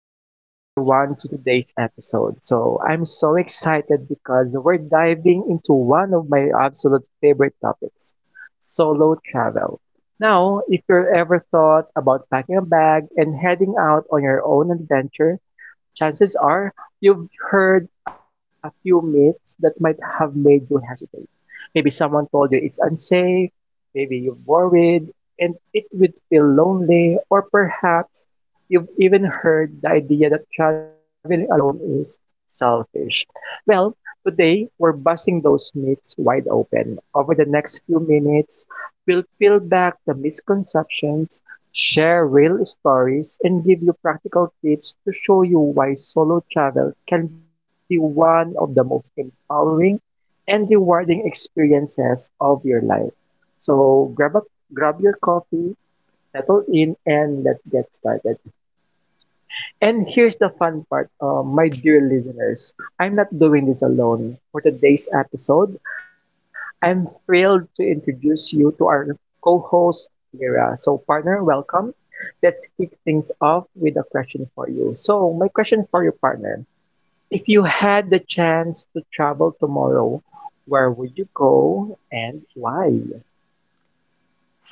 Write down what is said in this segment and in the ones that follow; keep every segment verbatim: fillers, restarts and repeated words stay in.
Welcome, everyone, to today's episode. So, I'm so excited because we're diving into one of my absolute favorite topics: solo travel. Now, if you've ever thought about packing a bag and heading out on your own adventure, chances are you've heard a few myths that might have made you hesitate. Maybe someone told you it's unsafe, maybe you're worried, and it would feel lonely, or perhaps you've even heard the idea that traveling alone is selfish. Well, today we're busting those myths wide open. Over the next few minutes, we'll peel back the misconceptions, share real stories, and give you practical tips to show you why solo travel can be one of the most empowering and rewarding experiences of your life. So grab a, grab your coffee, settle in, and let's get started. And here's the fun part, uh, my dear listeners. I'm not doing this alone. For today's episode, I'm thrilled to introduce you to our co-host, Mira. So, partner, welcome. Let's kick things off with a question for you. So, my question for you, partner. If you had the chance to travel tomorrow, where would you go and why?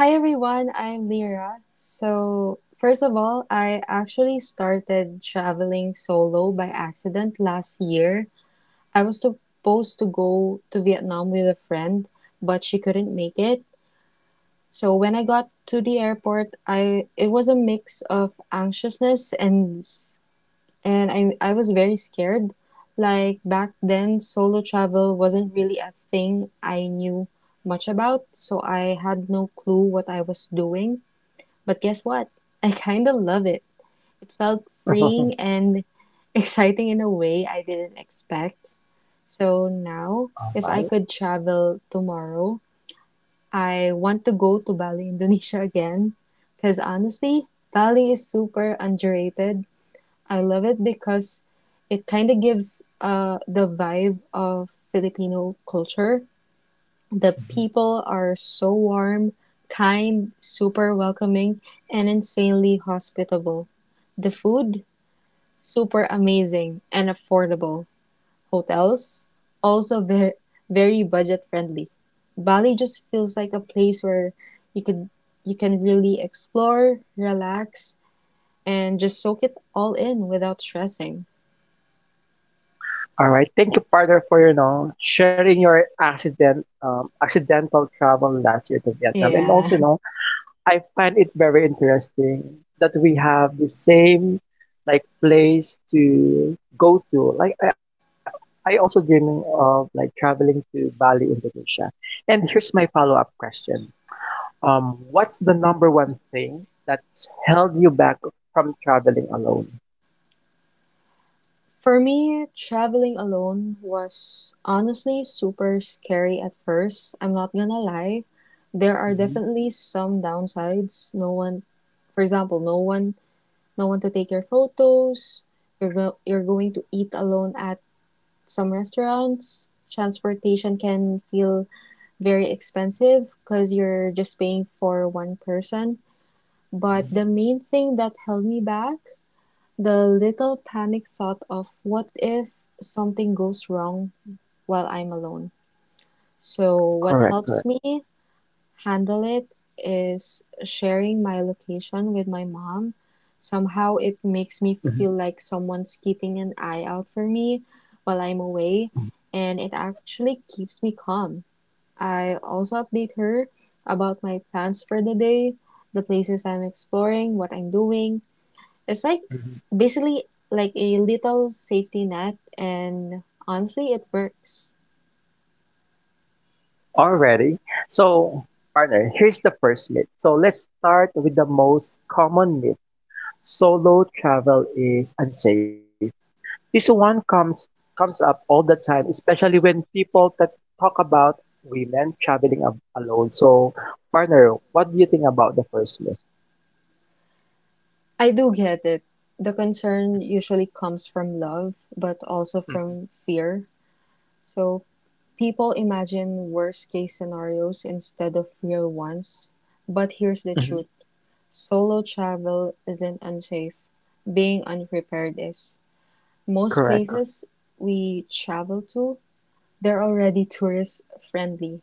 Hi everyone, I'm Lyra. So, first of all, I actually started traveling solo by accident last year. I was supposed to go to Vietnam with a friend, but she couldn't make it. So, when I got to the airport, I it was a mix of anxiousness and s- and I I was very scared. Like back then, solo travel wasn't really a thing I knew much about, so I had no clue what I was doing, but guess what? I kind of love it. It felt freeing and exciting in a way I didn't expect. So now, Right. if I could travel tomorrow, I want to go to Bali, Indonesia again. Because honestly, Bali is super underrated. I love it because it kind of gives uh, the vibe of Filipino culture. The people are so warm, kind, super welcoming, and insanely hospitable. The food, super amazing and affordable. Hotels, also ve- very budget friendly. Bali just feels like a place where you could you can really explore, relax, and just soak it all in without stressing. All right. Thank you, partner, for your know sharing your accident um, accidental travel last year to Vietnam. And Yeah. also, you know, I find it very interesting that we have the same like place to go to. Like I, I also dreaming of like traveling to Bali, Indonesia. And here's my follow up question: Um, what's the number one thing that's held you back from traveling alone? For me, traveling alone was honestly super scary at first. I'm not gonna lie. There are Mhm, definitely some downsides. No one, for example, no one, no one to take your photos. You're go- you're going to eat alone at some restaurants. Transportation can feel very expensive because you're just paying for one person. But the mhm. main thing that held me back, the little panic thought of what if something goes wrong while I'm alone. So, what Correct, correct. helps me handle it is sharing my location with my mom. Somehow, it makes Mhm, me feel like someone's keeping an eye out for me while I'm away, and it actually keeps me calm. I also update her about my plans for the day, the places I'm exploring, what I'm doing. It's like mhm. basically like a little safety net, and honestly, it works. Already. So, partner, here's the first myth. So, let's start with the most common myth. Solo travel is unsafe. This one comes comes up all the time, especially when people that talk about women traveling ab- alone. So, partner, what do you think about the first myth? I do get it. The concern usually comes from love, but also Mhm, from fear. So people imagine worst case scenarios instead of real ones. But here's the mhm. truth: solo travel isn't unsafe, being unprepared is. Most Correct. places we travel to, they're already tourist friendly.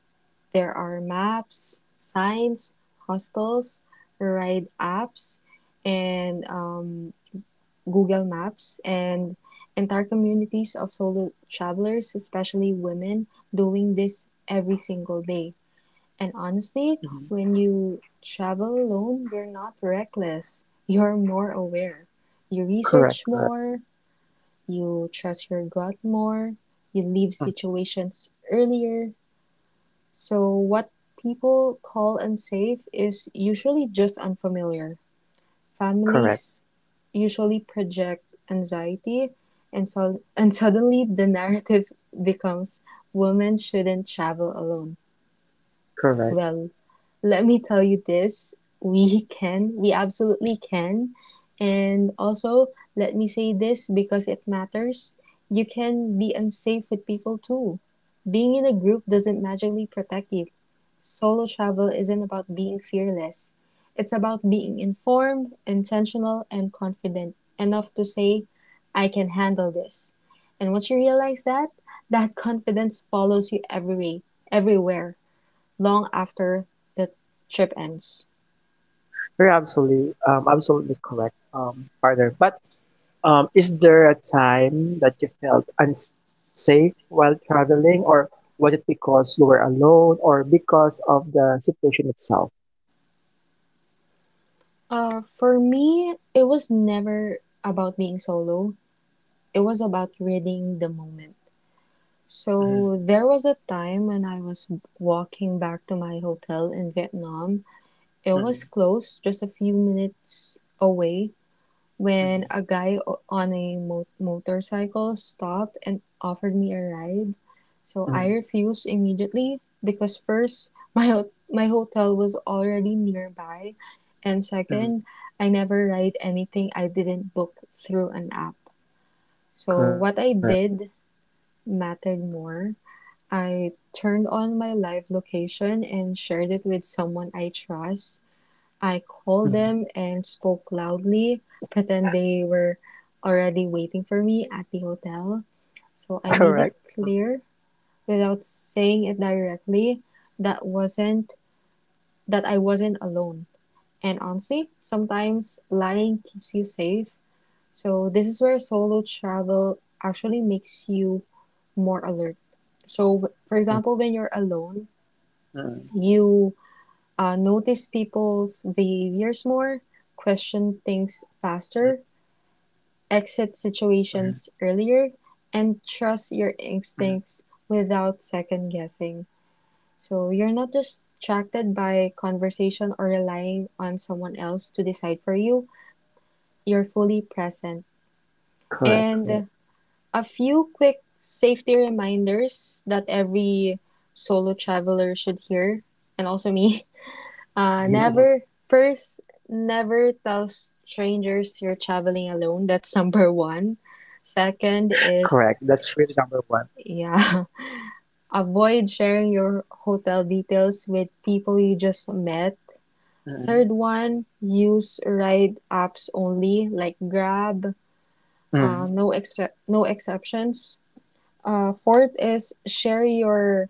There are maps, signs, hostels, ride apps, and um, Google Maps, and entire communities of solo travelers, especially women, doing this every single day. And honestly, Correct. when you travel alone, you're not reckless, you're more aware. You Correct, research correct, more, you trust your gut more, you leave mm, situations earlier, so what people call unsafe is usually just unfamiliar. correct, Families usually project anxiety, and, so, and suddenly the narrative becomes women shouldn't travel alone. correct. Well, let me tell you this: we can, we absolutely can. And also, let me say this because it matters: you can be unsafe with people too. Being in a group doesn't magically protect you. Solo travel isn't about being fearless, it's about being informed, intentional, and confident enough to say, I can handle this. And once you realize that, that confidence follows you everywhere, everywhere, long after the trip ends. You're absolutely, um, absolutely correct, um, partner. But um, is there a time that you felt unsafe while traveling, or was it because you were alone, or because of the situation itself? Uh, for me, it was never about being solo. It was about reading the moment. Mm, So there was a time when I was walking back to my hotel in Vietnam. It was mm, close, just a few minutes away, when mm, a guy o- on a mo- motorcycle stopped and offered me a ride, so I mm, refused immediately because first, my ho- my hotel was already nearby, and mm. second, I never ride anything I didn't book through an app. So Correct, what I correct, did mattered more. I turned on my live location and shared it with someone I trust. I mm, called them and spoke loudly, pretend they were already waiting for me at the hotel. So I made it correct, mm, clear without saying it directly that wasn't that I wasn't alone. And honestly, sometimes lying keeps you safe. So this is where solo travel actually makes you more alert. So for example, mm, when you're alone, mm, you uh, notice people's behaviors more, question things mm, faster, exit mm, situations earlier, and trust your mm. instincts without second guessing. So you're not distracted by conversation or relying on someone else to decide for you. You're fully present. Correct, And correct, a few quick safety reminders that every solo traveler should hear, and also me. Uh, never first Never tell strangers you're traveling alone. That's number one. Second is, correct. That's really number one. yeah, avoid sharing your hotel details with people you just met. Third Mm, one, use ride apps only, like Grab. Uh, no mm, expe- no exceptions. Uh, fourth is share your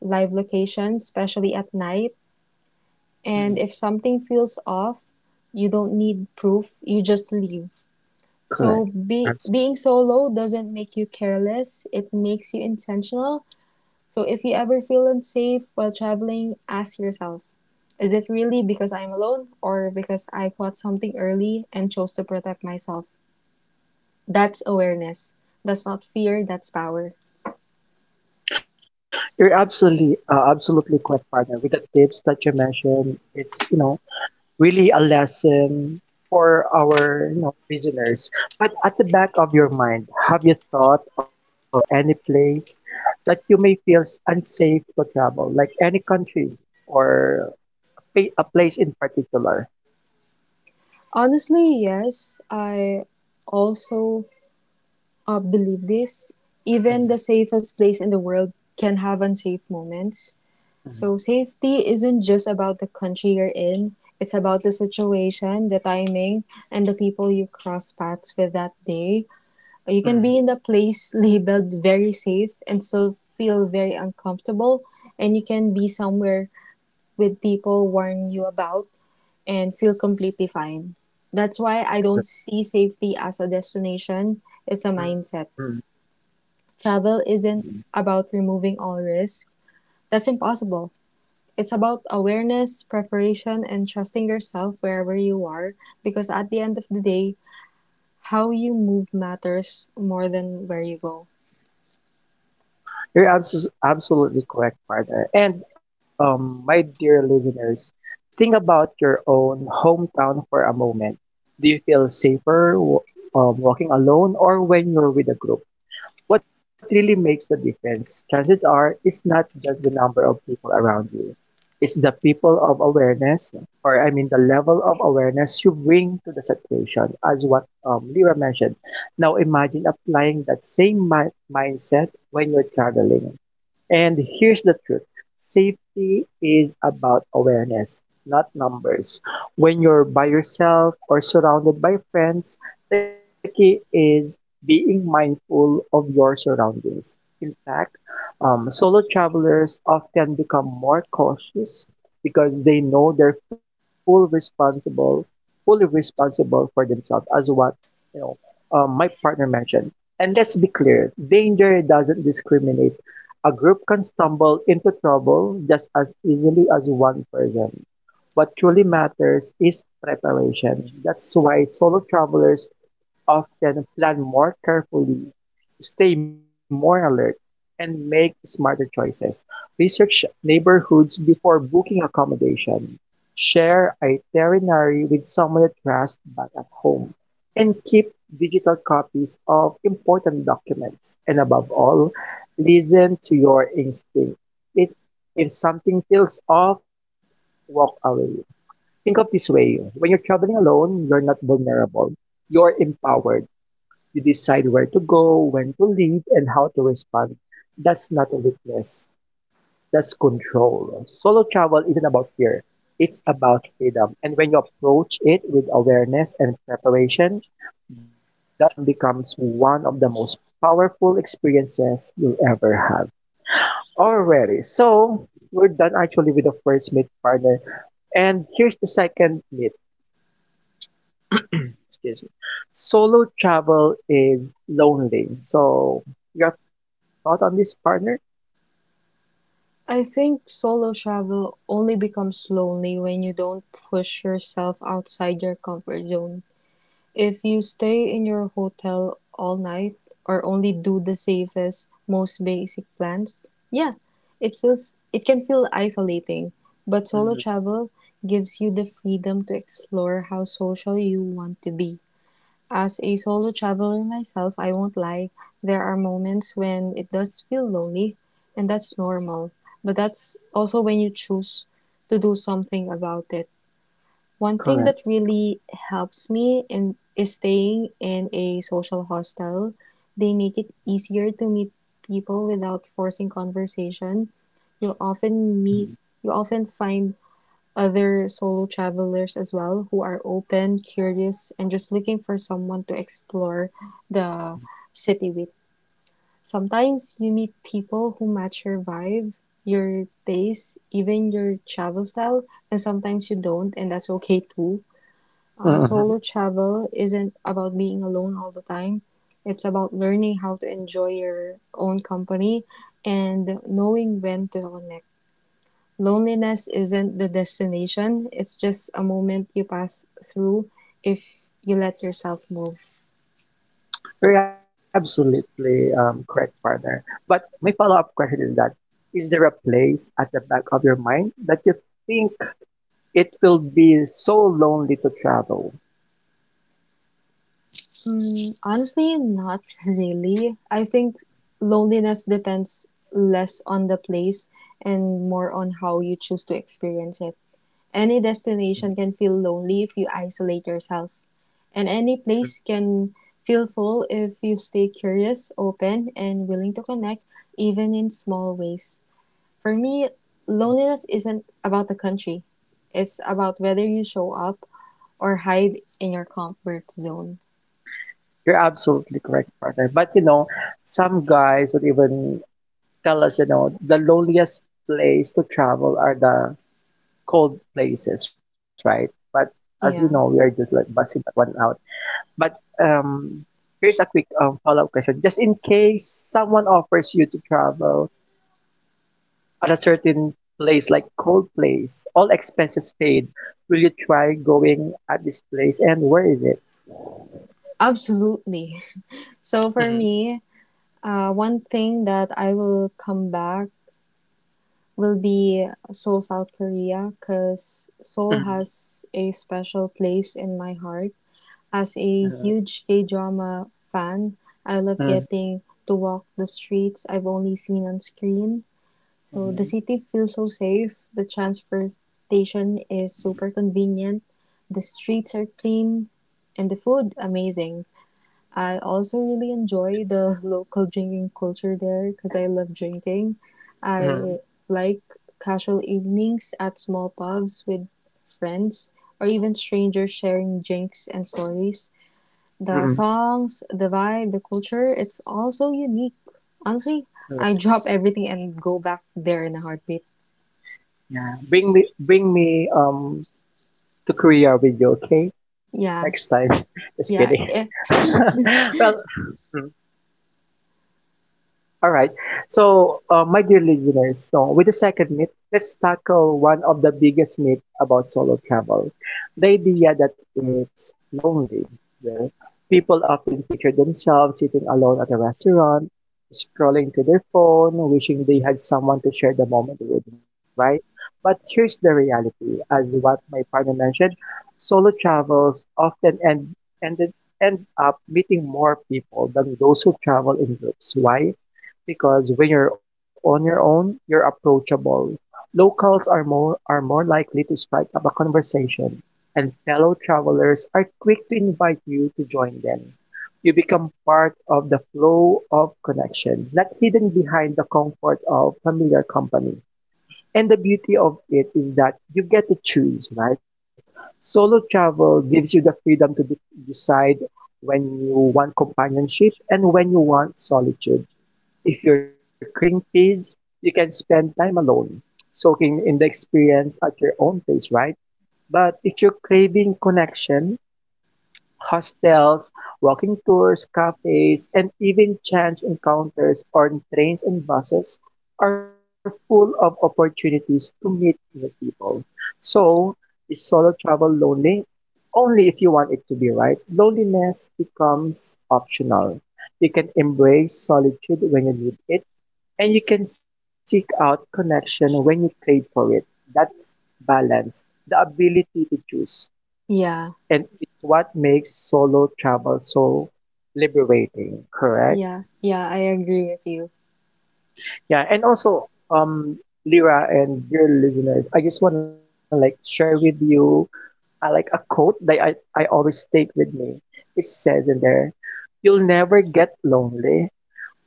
live location, especially at night. And if mm. something feels off, you don't need proof, you just leave. So Correct. be, being solo doesn't make you careless, it makes you intentional. So if you ever feel unsafe while traveling, ask yourself, is it really because I'm alone or because I caught something early and chose to protect myself? That's awareness. That's not fear, that's power. You're absolutely uh, absolutely correct, partner. With the tips that you mentioned, it's you know really a lesson for our you know listeners. But at the back of your mind, have you thought of any place that you may feel s- unsafe to travel, like any country or pa- a place in particular? Honestly, yes, I also uh, believe this. Even Mm, the safest place in the world can have unsafe moments. So, safety isn't just about the country you're in, it's about the situation, the timing, and the people you cross paths with that day. You can be mm, in the place labeled very safe and still feel very uncomfortable, and you can be somewhere with people warn you about and feel completely fine. That's why I don't mm, see safety as a destination, it's a mindset. Travel mm. isn't about removing all risk. That's impossible. It's about awareness, preparation, and trusting yourself wherever you are, because at the end of the day, how you move matters more than where you go. You're abs- absolutely correct, partner. And um, my dear listeners, think about your own hometown for a moment. Do you feel safer w- um, walking alone or when you're with a group? What really makes the difference? Chances are it's not just the number of people around you. It's the people of awareness, or I mean the level of awareness you bring to the situation, as what um, Lira mentioned. Now imagine applying that same mi- mindset when you're traveling. And here's the truth: safety is about awareness, not numbers. When you're by yourself or surrounded by friends, the key is being mindful of your surroundings. In fact, um, solo travelers often become more cautious because they know they're full responsible, fully responsible for themselves, as what you know um, my partner mentioned. And let's be clear, danger doesn't discriminate. A group can stumble into trouble just as easily as one person. What truly matters is preparation. That's why solo travelers often plan more carefully, stay more alert, and make smarter choices. Research neighborhoods before booking accommodation. Share itinerary with someone you trust back at home. And keep digital copies of important documents. And above all, listen to your instinct. If, if something feels off, walk away. Think of this way: when you're traveling alone, you're not vulnerable, you're empowered. You decide where to go, when to leave, and how to respond. That's not a weakness. That's control. Solo travel isn't about fear. It's about freedom. And when you approach it with awareness and preparation, that freedom becomes one of the most powerful experiences you'll ever have. Alrighty, so we're done actually with the first meet, partner. And here's the second meet. Excuse me. Solo travel is lonely. So, your thought on this, partner? I think solo travel only becomes lonely when you don't push yourself outside your comfort zone. If you stay in your hotel all night or only do the safest, most basic plans, yeah, it feels it can feel isolating. But solo Mhm. travel gives you the freedom to explore how social you want to be. As a solo traveler myself, I won't lie, there are moments when it does feel lonely, and that's normal. But that's also when you choose to do something about it. One thing Correct. that really helps me in, is staying in a social hostel. They make it easier to meet people without forcing conversation. You'll often meet, you often find other solo travelers as well who are open, curious, and just looking for someone to explore the city with. Sometimes you meet people who match your vibe, your taste, even your travel style, and sometimes you don't, and that's okay too. Uh, Mhm. solo travel isn't about being alone all the time. It's about learning how to enjoy your own company and knowing when to connect. Loneliness isn't the destination, it's just a moment you pass through if you let yourself move. You're absolutely um, correct, partner. But my follow-up question is that is there a place at the back of your mind that you think it will be so lonely to travel? Mm, honestly, not really. I think loneliness depends less on the place and more on how you choose to experience it. Any destination can feel lonely if you isolate yourself. And any place can feel full if you stay curious, open, and willing to connect, even in small ways. For me, loneliness isn't about the country, it's about whether you show up or hide in your comfort zone. You're absolutely correct, partner. But you know, some guys would even tell us, you know, the loneliest place to travel are the cold places, right? But as you know, we are Yeah, just like busting that one out. But um, here's a quick um, follow-up question. Just in case someone offers you to travel at a certain place, like cold place, all expenses paid, will you try going at this place and where is it? absolutely. So for Mm-hmm. me, uh, one thing that I will come back will be Seoul, South Korea, because Mm-hmm. Seoul has a special place in my heart. As a huge K drama fan, I love Mm-hmm. getting to walk the streets I've only seen on screen. So the Mm-hmm. city feels so safe. The transportation is super convenient. The streets are clean and the food amazing. I also really enjoy the local drinking culture there because I love drinking. Mm-hmm. I like casual evenings at small pubs with friends or even strangers sharing drinks and stories, the Mm-hmm. songs, the vibe, the culture, it's all so unique. Honestly, I Correct. drop everything and go back there in a heartbeat. Yeah. Bring me, bring me um to Korea with you, okay? Next time. Yeah, Just kidding. yeah, eh, Well, mm. All right. So, uh, my dear listeners, so with the second myth, let's tackle one of the biggest myths about solo travel: the idea that it's lonely. Well, people often picture themselves sitting alone at a restaurant, scrolling to their phone, wishing they had someone to share the moment with, right? But here's the reality, as what my partner mentioned, solo travels often end, ended, end up meeting more people than those who travel in groups. Why? Because when you're on your own, you're approachable. Locals are more are more likely to strike up a conversation, and fellow travelers are quick to invite you to join them. You become part of the flow of connection, not hidden behind the comfort of familiar company. And the beauty of it is that you get to choose, right? Solo travel gives you the freedom to de- decide when you want companionship and when you want solitude. If you're craving peace, you can spend time alone, soaking in the experience at your own pace, right? But if you're craving connection, hostels, walking tours, cafes, and even chance encounters on trains and buses are full of opportunities to meet new people. So, is solo travel lonely? Only if you want it to be, right? Loneliness becomes optional. You can embrace solitude when you need it, and you can seek out connection when you crave for it. That's balance, the ability to choose. yeah, And it's what makes solo travel so liberating, correct? yeah, yeah. I agree with you. Yeah, and also, um, Lyra and dear listeners, I just want to like share with you uh, like a quote that I, I always take with me. It says in there, you'll never get lonely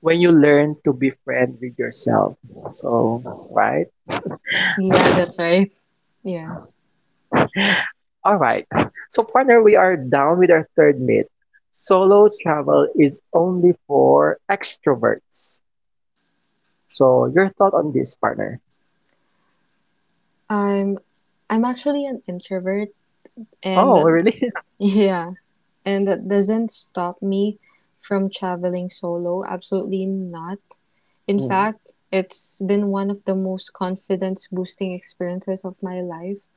when you learn to be befriend with yourself. So, right? Yeah, that's right. Yeah, All right. So, partner, we are down with our third myth. Solo travel is only for extroverts. So, your thought on this, partner? I'm I'm actually an introvert, and Oh, that, really? yeah, and that doesn't stop me from traveling solo. Absolutely not. In Mm, fact, it's been one of the most confidence boosting experiences of my life.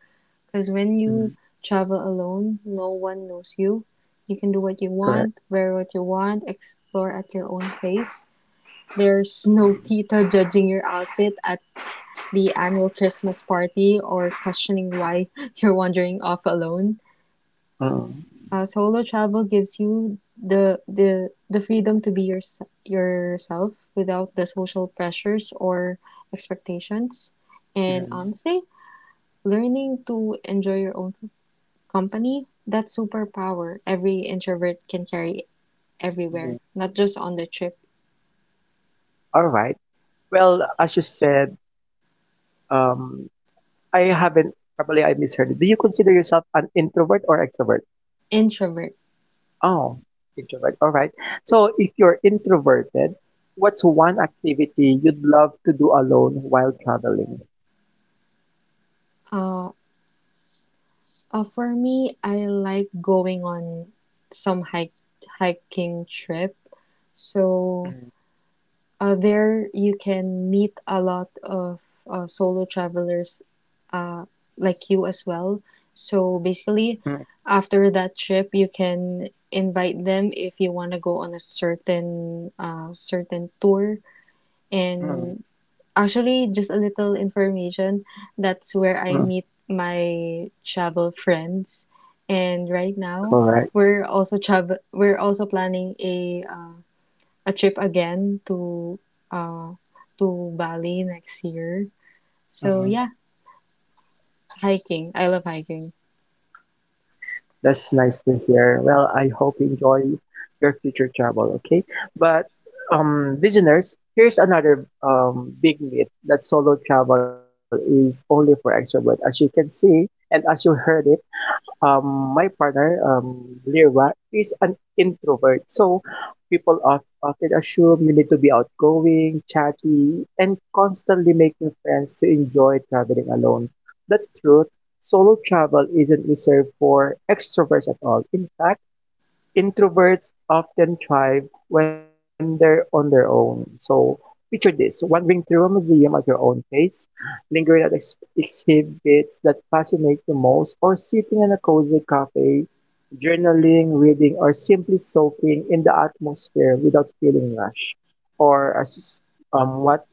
Because mm, when you travel alone, no one knows you. You can do what you correct. want, wear what you want, explore at your own pace. Mm, There's no tita judging your outfit at the annual Christmas party or questioning why you're wandering off alone. mm, Uh, solo travel gives you the the the freedom to be your, yourself without the social pressures or expectations. And mm, honestly, learning to enjoy your own company, that superpower every introvert can carry mm. everywhere, not just on the trip. All right. Well, as you said, um, I haven't. Probably I misheard it. Do you consider yourself an introvert or extrovert? Introvert. Oh, introvert. All right. So if you're introverted, what's one activity you'd love to do alone while traveling? Uh, uh, for me, I like going on some hike hiking trip. So Mm, uh, there you can meet a lot of uh, solo travelers, uh, like you as well. So basically, mm, after that trip, you can invite them if you want to go on a certain uh, certain tour. mm, And actually, just a little information, that's where I mm. meet my travel friends. And right Correct. now, we're also travel. We're also planning a uh, a trip again to uh, to Bali next year. So Mm. yeah, hiking. I love hiking. That's nice to hear. Well, I hope you enjoy your future travel, okay? But um listeners, here's another um big myth that solo travel is only for extrovert. As you can see and as you heard it, um, my partner, um, Lyra, is an introvert. So people of- often assume you need to be outgoing, chatty, and constantly making friends to enjoy traveling alone. The truth: solo travel isn't reserved for extroverts at all. In fact, introverts often thrive when they're on their own. So picture this: wandering through a museum at your own pace, lingering at ex- exhibits that fascinate you most, or sitting in a cozy cafe, journaling, reading, or simply soaking in the atmosphere without feeling rushed. Or as um, what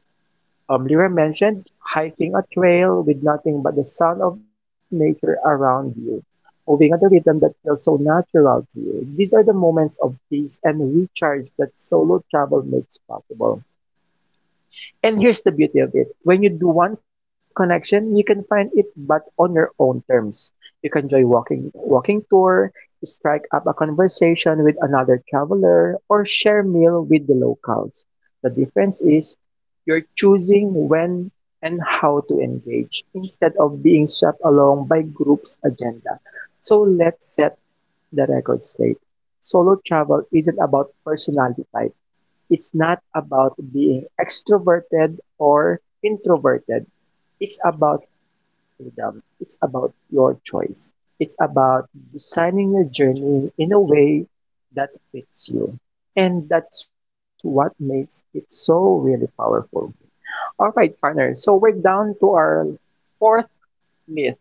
um, Lyra mentioned, hiking a trail with nothing but the sound of nature around you, moving at a rhythm that feels so natural to you. These are the moments of peace and recharge that solo travel makes possible. And here's the beauty of it. When you do one connection, you can find it but on your own terms. You can enjoy walking walking tour, strike up a conversation with another traveler, or share meal with the locals. The difference is you're choosing when and how to engage instead of being swept along by group's agenda. So let's set the record straight. Solo travel isn't about personality type. It's not about being extroverted or introverted. It's about freedom. It's about your choice. It's about designing your journey in a way that fits you. And that's what makes it so really powerful. All right, partner. So we're down to our fourth myth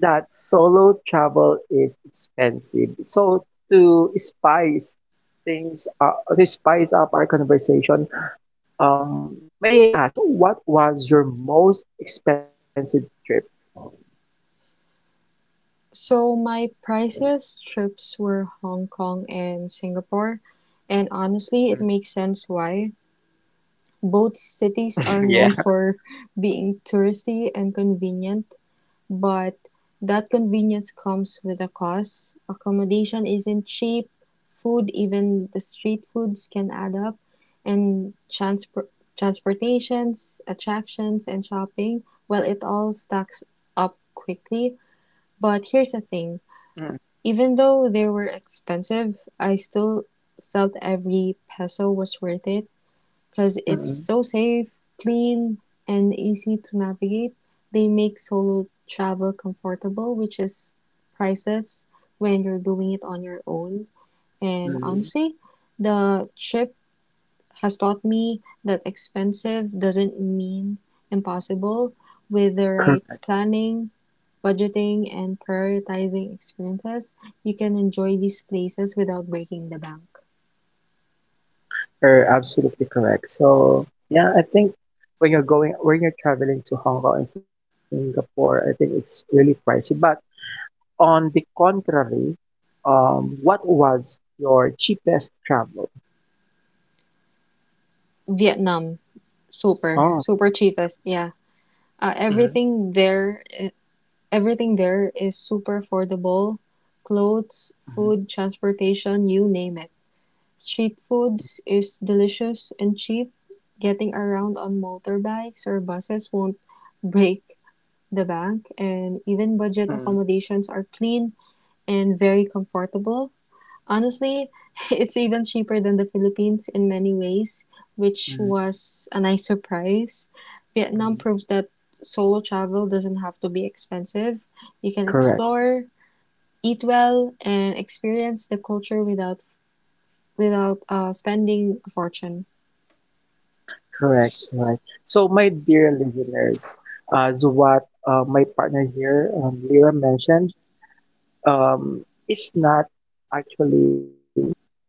that solo travel is expensive. So to spice things, uh, to spice up our conversation, um, may I ask, what was your most expensive trip? So my priciest trips were Hong Kong and Singapore, and honestly, it Mm, makes sense why. Both cities yeah. are known for being touristy and convenient, but that convenience comes with a cost. Accommodation isn't cheap, food, even the street foods can add up, and transpor- transportations, attractions, and shopping, well, it all stacks up quickly. But here's the thing, Mm. even though they were expensive, I still felt every peso was worth it because it's Mm-mm. so safe, clean, and easy to navigate. They make solo travel comfortable, which is priceless when you're doing it on your own. And Mm. honestly, the trip has taught me that expensive doesn't mean impossible. With the right Correct. planning, budgeting, and prioritizing experiences, you can enjoy these places without breaking the bank. Er, absolutely correct. So yeah, I think when you're going when you're traveling to Hong Kong and Singapore, I think it's really pricey. But on the contrary, um, what was your cheapest travel? Vietnam, super, Oh. super cheapest. Yeah. Uh, Mm. everything there, eh, everything there is super affordable. Clothes, Mm. food, transportation, you name it. Street foods is delicious and cheap. Getting around on motorbikes or buses won't break the bank, and even Mm. budget accommodations are clean and very comfortable. Honestly, it's even cheaper than the Philippines in many ways, which Mm. was a nice surprise. Vietnam Mm. proves that solo travel doesn't have to be expensive. You can Correct. explore, eat well, and experience the culture without without uh, spending a fortune. Correct, right. So, my dear listeners, as what uh, my partner here, um, Lyra mentioned, um, it's not actually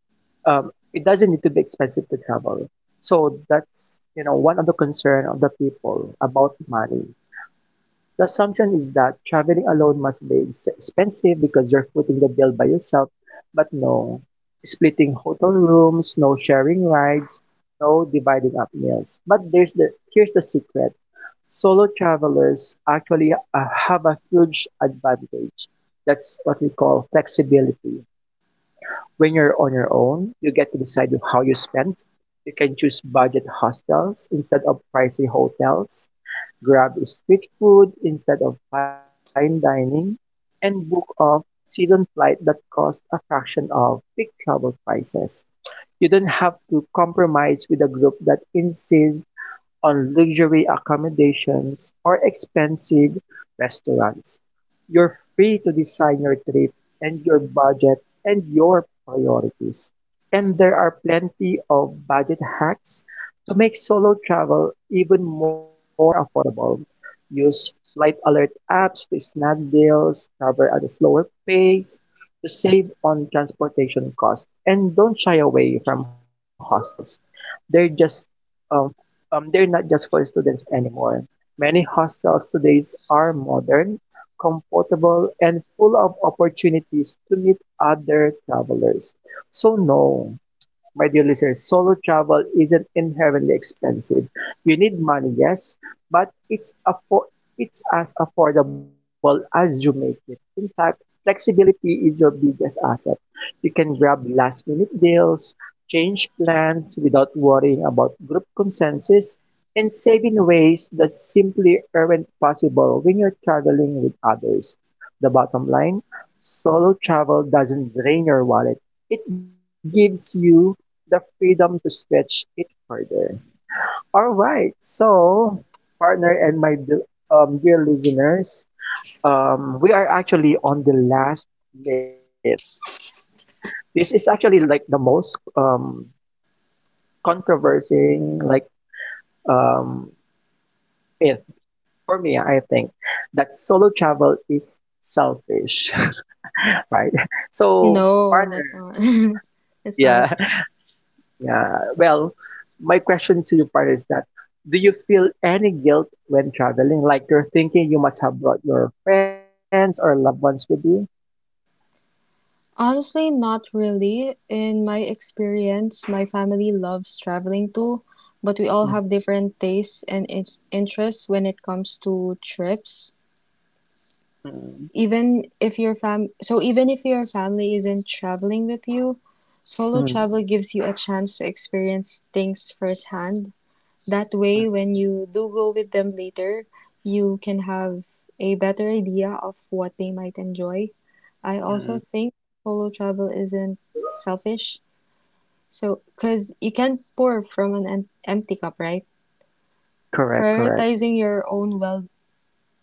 um, it doesn't need to be expensive to travel. So that's you know one of the concern of the people about money. The assumption is that traveling alone must be ex- expensive because you're footing the bill by yourself. But no, splitting hotel rooms, no sharing rides, no dividing up meals. But there's the here's the secret. Solo travelers actually uh, have a huge advantage. That's what we call flexibility when you're on your own, you get to decide how you spend. You can choose budget hostels instead of pricey hotels, grab street food instead of fine dining, and book a season flight that costs a fraction of peak travel prices. You don't have to compromise with a group that insists on luxury accommodations or expensive restaurants. You're free to design your trip and your budget and your priorities. And there are plenty of budget hacks to make solo travel even more affordable. Use flight alert apps to snag deals, travel at a slower pace to save on transportation costs, and don't shy away from hostels. They're just um, um, they're not just for students anymore. Many hostels today are modern, comfortable, and full of opportunities to meet other travelers. So no, my dear listeners, solo travel isn't inherently expensive. You need money, yes, but it's affo- it's as affordable as you make it. In fact, flexibility is your biggest asset. You can grab last minute deals, change plans without worrying about group consensus, and save in ways that simply aren't possible when you're traveling with others. The bottom line solo travel doesn't drain your wallet, it gives you the freedom to stretch it further. All right. So, partner and my d- um, dear listeners, um, we are actually on the last myth. This is actually like the most um, controversial like um, myth for me. I think that solo travel is selfish, right? So, No, that's partner, not. It's not. yeah. Yeah. Well, my question to you, part is that do you feel any guilt when traveling? Like you're thinking you must have brought your friends or loved ones with you? Honestly, not really. In my experience, my family loves traveling too, but we all have different tastes and its interests when it comes to trips. Mm. Even if your fam so even if your family isn't traveling with you, solo Mm. travel gives you a chance to experience things firsthand. That way, when you do go with them later, you can have a better idea of what they might enjoy. I Mm. also think solo travel isn't selfish. So, because you can't pour from an em- empty cup, right? Correct, correct. Prioritizing your own well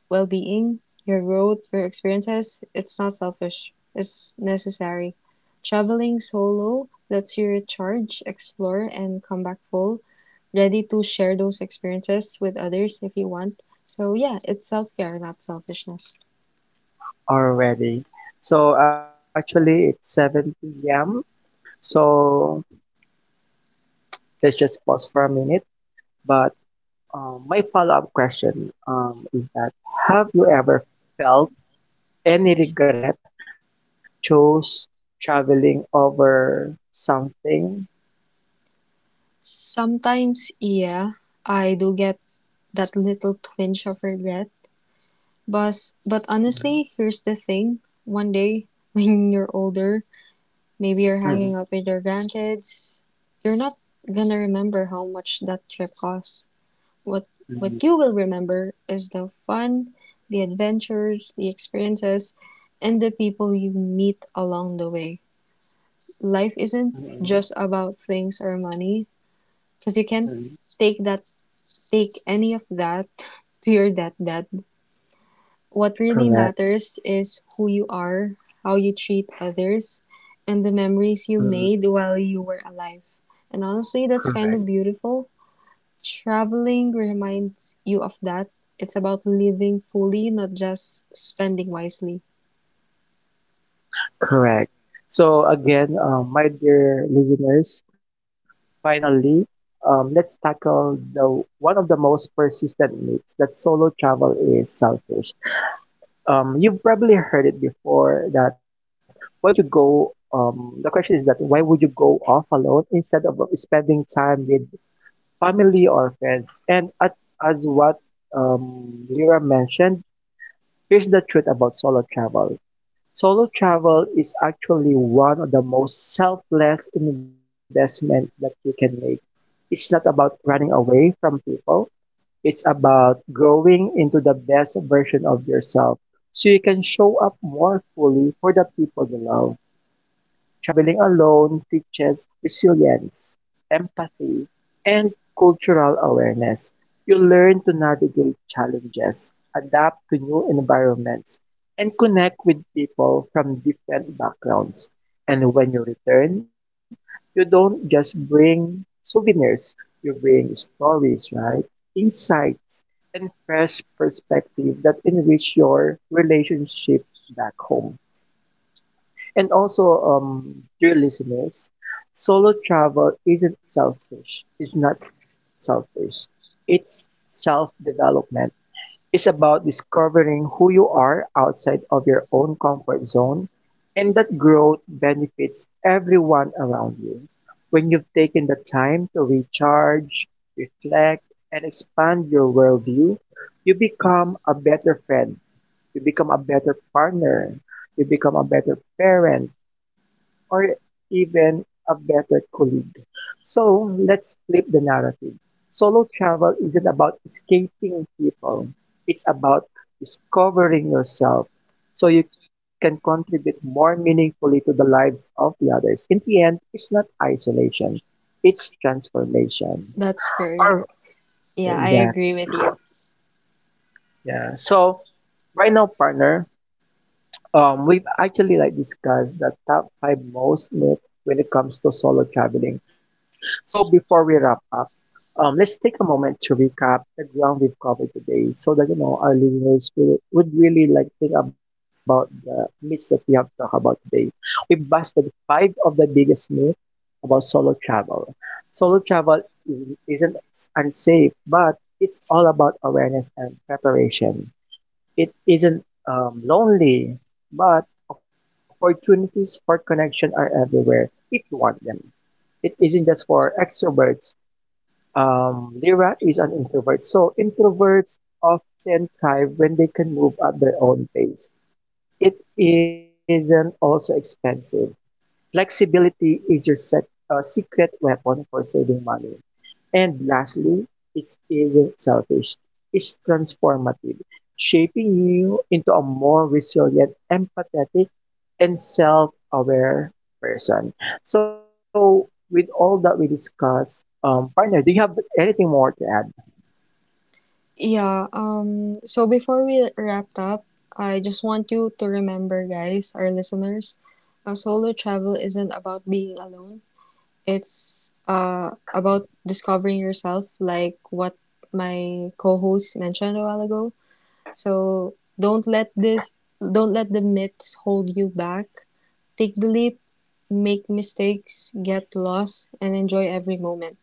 well being, your growth, your experiences, it's not selfish. It's necessary. Traveling solo lets you recharge, explore, and come back full, ready to share those experiences with others if you want. So yeah, it's self-care, not selfishness. Already. So actually, it's seven p m. So let's just pause for a minute. But um, my follow-up question um, is that have you ever felt any regret that you chose traveling over something. Sometimes, yeah, I do get that little twinge of regret. But but Mhm. honestly, here's the thing. One day when you're older, maybe you're hanging Mm. out with your grandkids, you're not gonna remember how much that trip cost. What Mm. what you will remember is the fun, the adventures, the experiences, and the people you meet along the way. Life isn't Mm. just about things or money, because you can't Mm. take that take any of that to your deathbed. What really Correct. matters is who you are, how you treat others, and the memories Mm. you made while you were alive. And honestly, that's kind Correct. of beautiful. Traveling reminds you of that. It's about living fully, not just spending wisely. Correct. So again, um, my dear listeners, finally, um, let's tackle the one of the most persistent myths that solo travel is selfish. Um, you've probably heard it before that why would you go? Um, the question is that why would you go off alone instead of spending time with family or friends? And at, as what um, Lyra mentioned, here's the truth about solo travel. Solo travel is actually one of the most selfless investment that you can make. It's not about running away from people. It's about growing into the best version of yourself so you can show up more fully for the people you love. Traveling alone teaches resilience, empathy, and cultural awareness. You learn to navigate challenges, adapt to new environments, and connect with people from different backgrounds. And when you return, you don't just bring souvenirs, you bring stories, right? Insights and fresh perspective that enrich your relationship back home. And also, um, dear listeners, solo travel isn't selfish. It's not selfish. It's self development. It's about discovering who you are outside of your own comfort zone, and that growth benefits everyone around you. When you've taken the time to recharge, reflect, and expand your worldview, you become a better friend, you become a better partner, you become a better parent, or even a better colleague. So let's flip the narrative. Solo travel isn't about escaping people, it's about discovering yourself so you can contribute more meaningfully to the lives of the others. In the end, it's not isolation, it's transformation. That's correct. Or, Yeah, I yeah, agree with you. yeah. So, right now, partner, Um, we've actually like discussed the top five most myth when it comes to solo traveling. So before we wrap up, um, let's take a moment to recap the ground we've covered today, so that you know our listeners will, would really like think about the myths that we have talked about today. We've busted five of the biggest myths about solo travel. Solo travel is, isn't unsafe, but it's all about awareness and preparation. It isn't um, lonely, but opportunities for connection are everywhere if you want them. It isn't just for extroverts. Um, Lyra is an introvert, so introverts often thrive when they can move at their own pace. It isn't also expensive. Flexibility is your sec- uh, secret weapon for saving money. And lastly, it isn't selfish, it's transformative, shaping you into a more resilient, empathetic, and self aware person. So, with all that we discussed, um, partner, do you have anything more to add? Yeah, um, so before we wrap up, I just want you to remember, guys, our listeners, uh, solo travel isn't about being alone. It's uh, about discovering yourself, like what my co host mentioned a while ago. So don't let this don't let the myths hold you back. Take the leap, make mistakes, get lost, and enjoy every moment.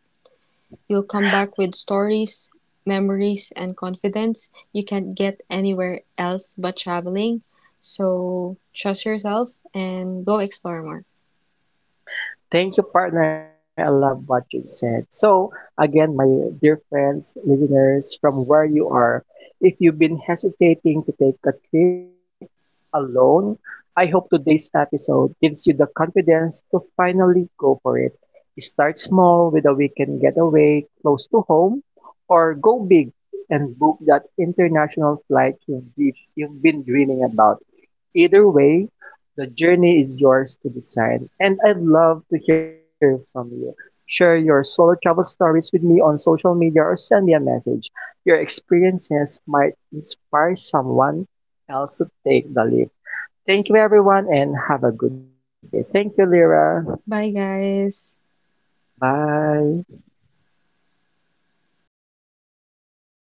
You'll come back with stories, memories, and confidence you can't get anywhere else but traveling. So trust yourself and go explore more. Thank you, partner. I love what you said. So, again, my dear friends, listeners, from where you are, if you've been hesitating to take a trip alone, I hope today's episode gives you the confidence to finally go for it. Start small with a weekend getaway close to home, or go big and book that international flight you've be- you've been dreaming about. Either way, the journey is yours to decide, and I'd love to hear from you. Share your solo travel stories with me on social media or send me a message. Your experiences might inspire someone else to take the leap. Thank you, everyone, and have a good day. Thank you, Lyra. Bye, guys. Bye.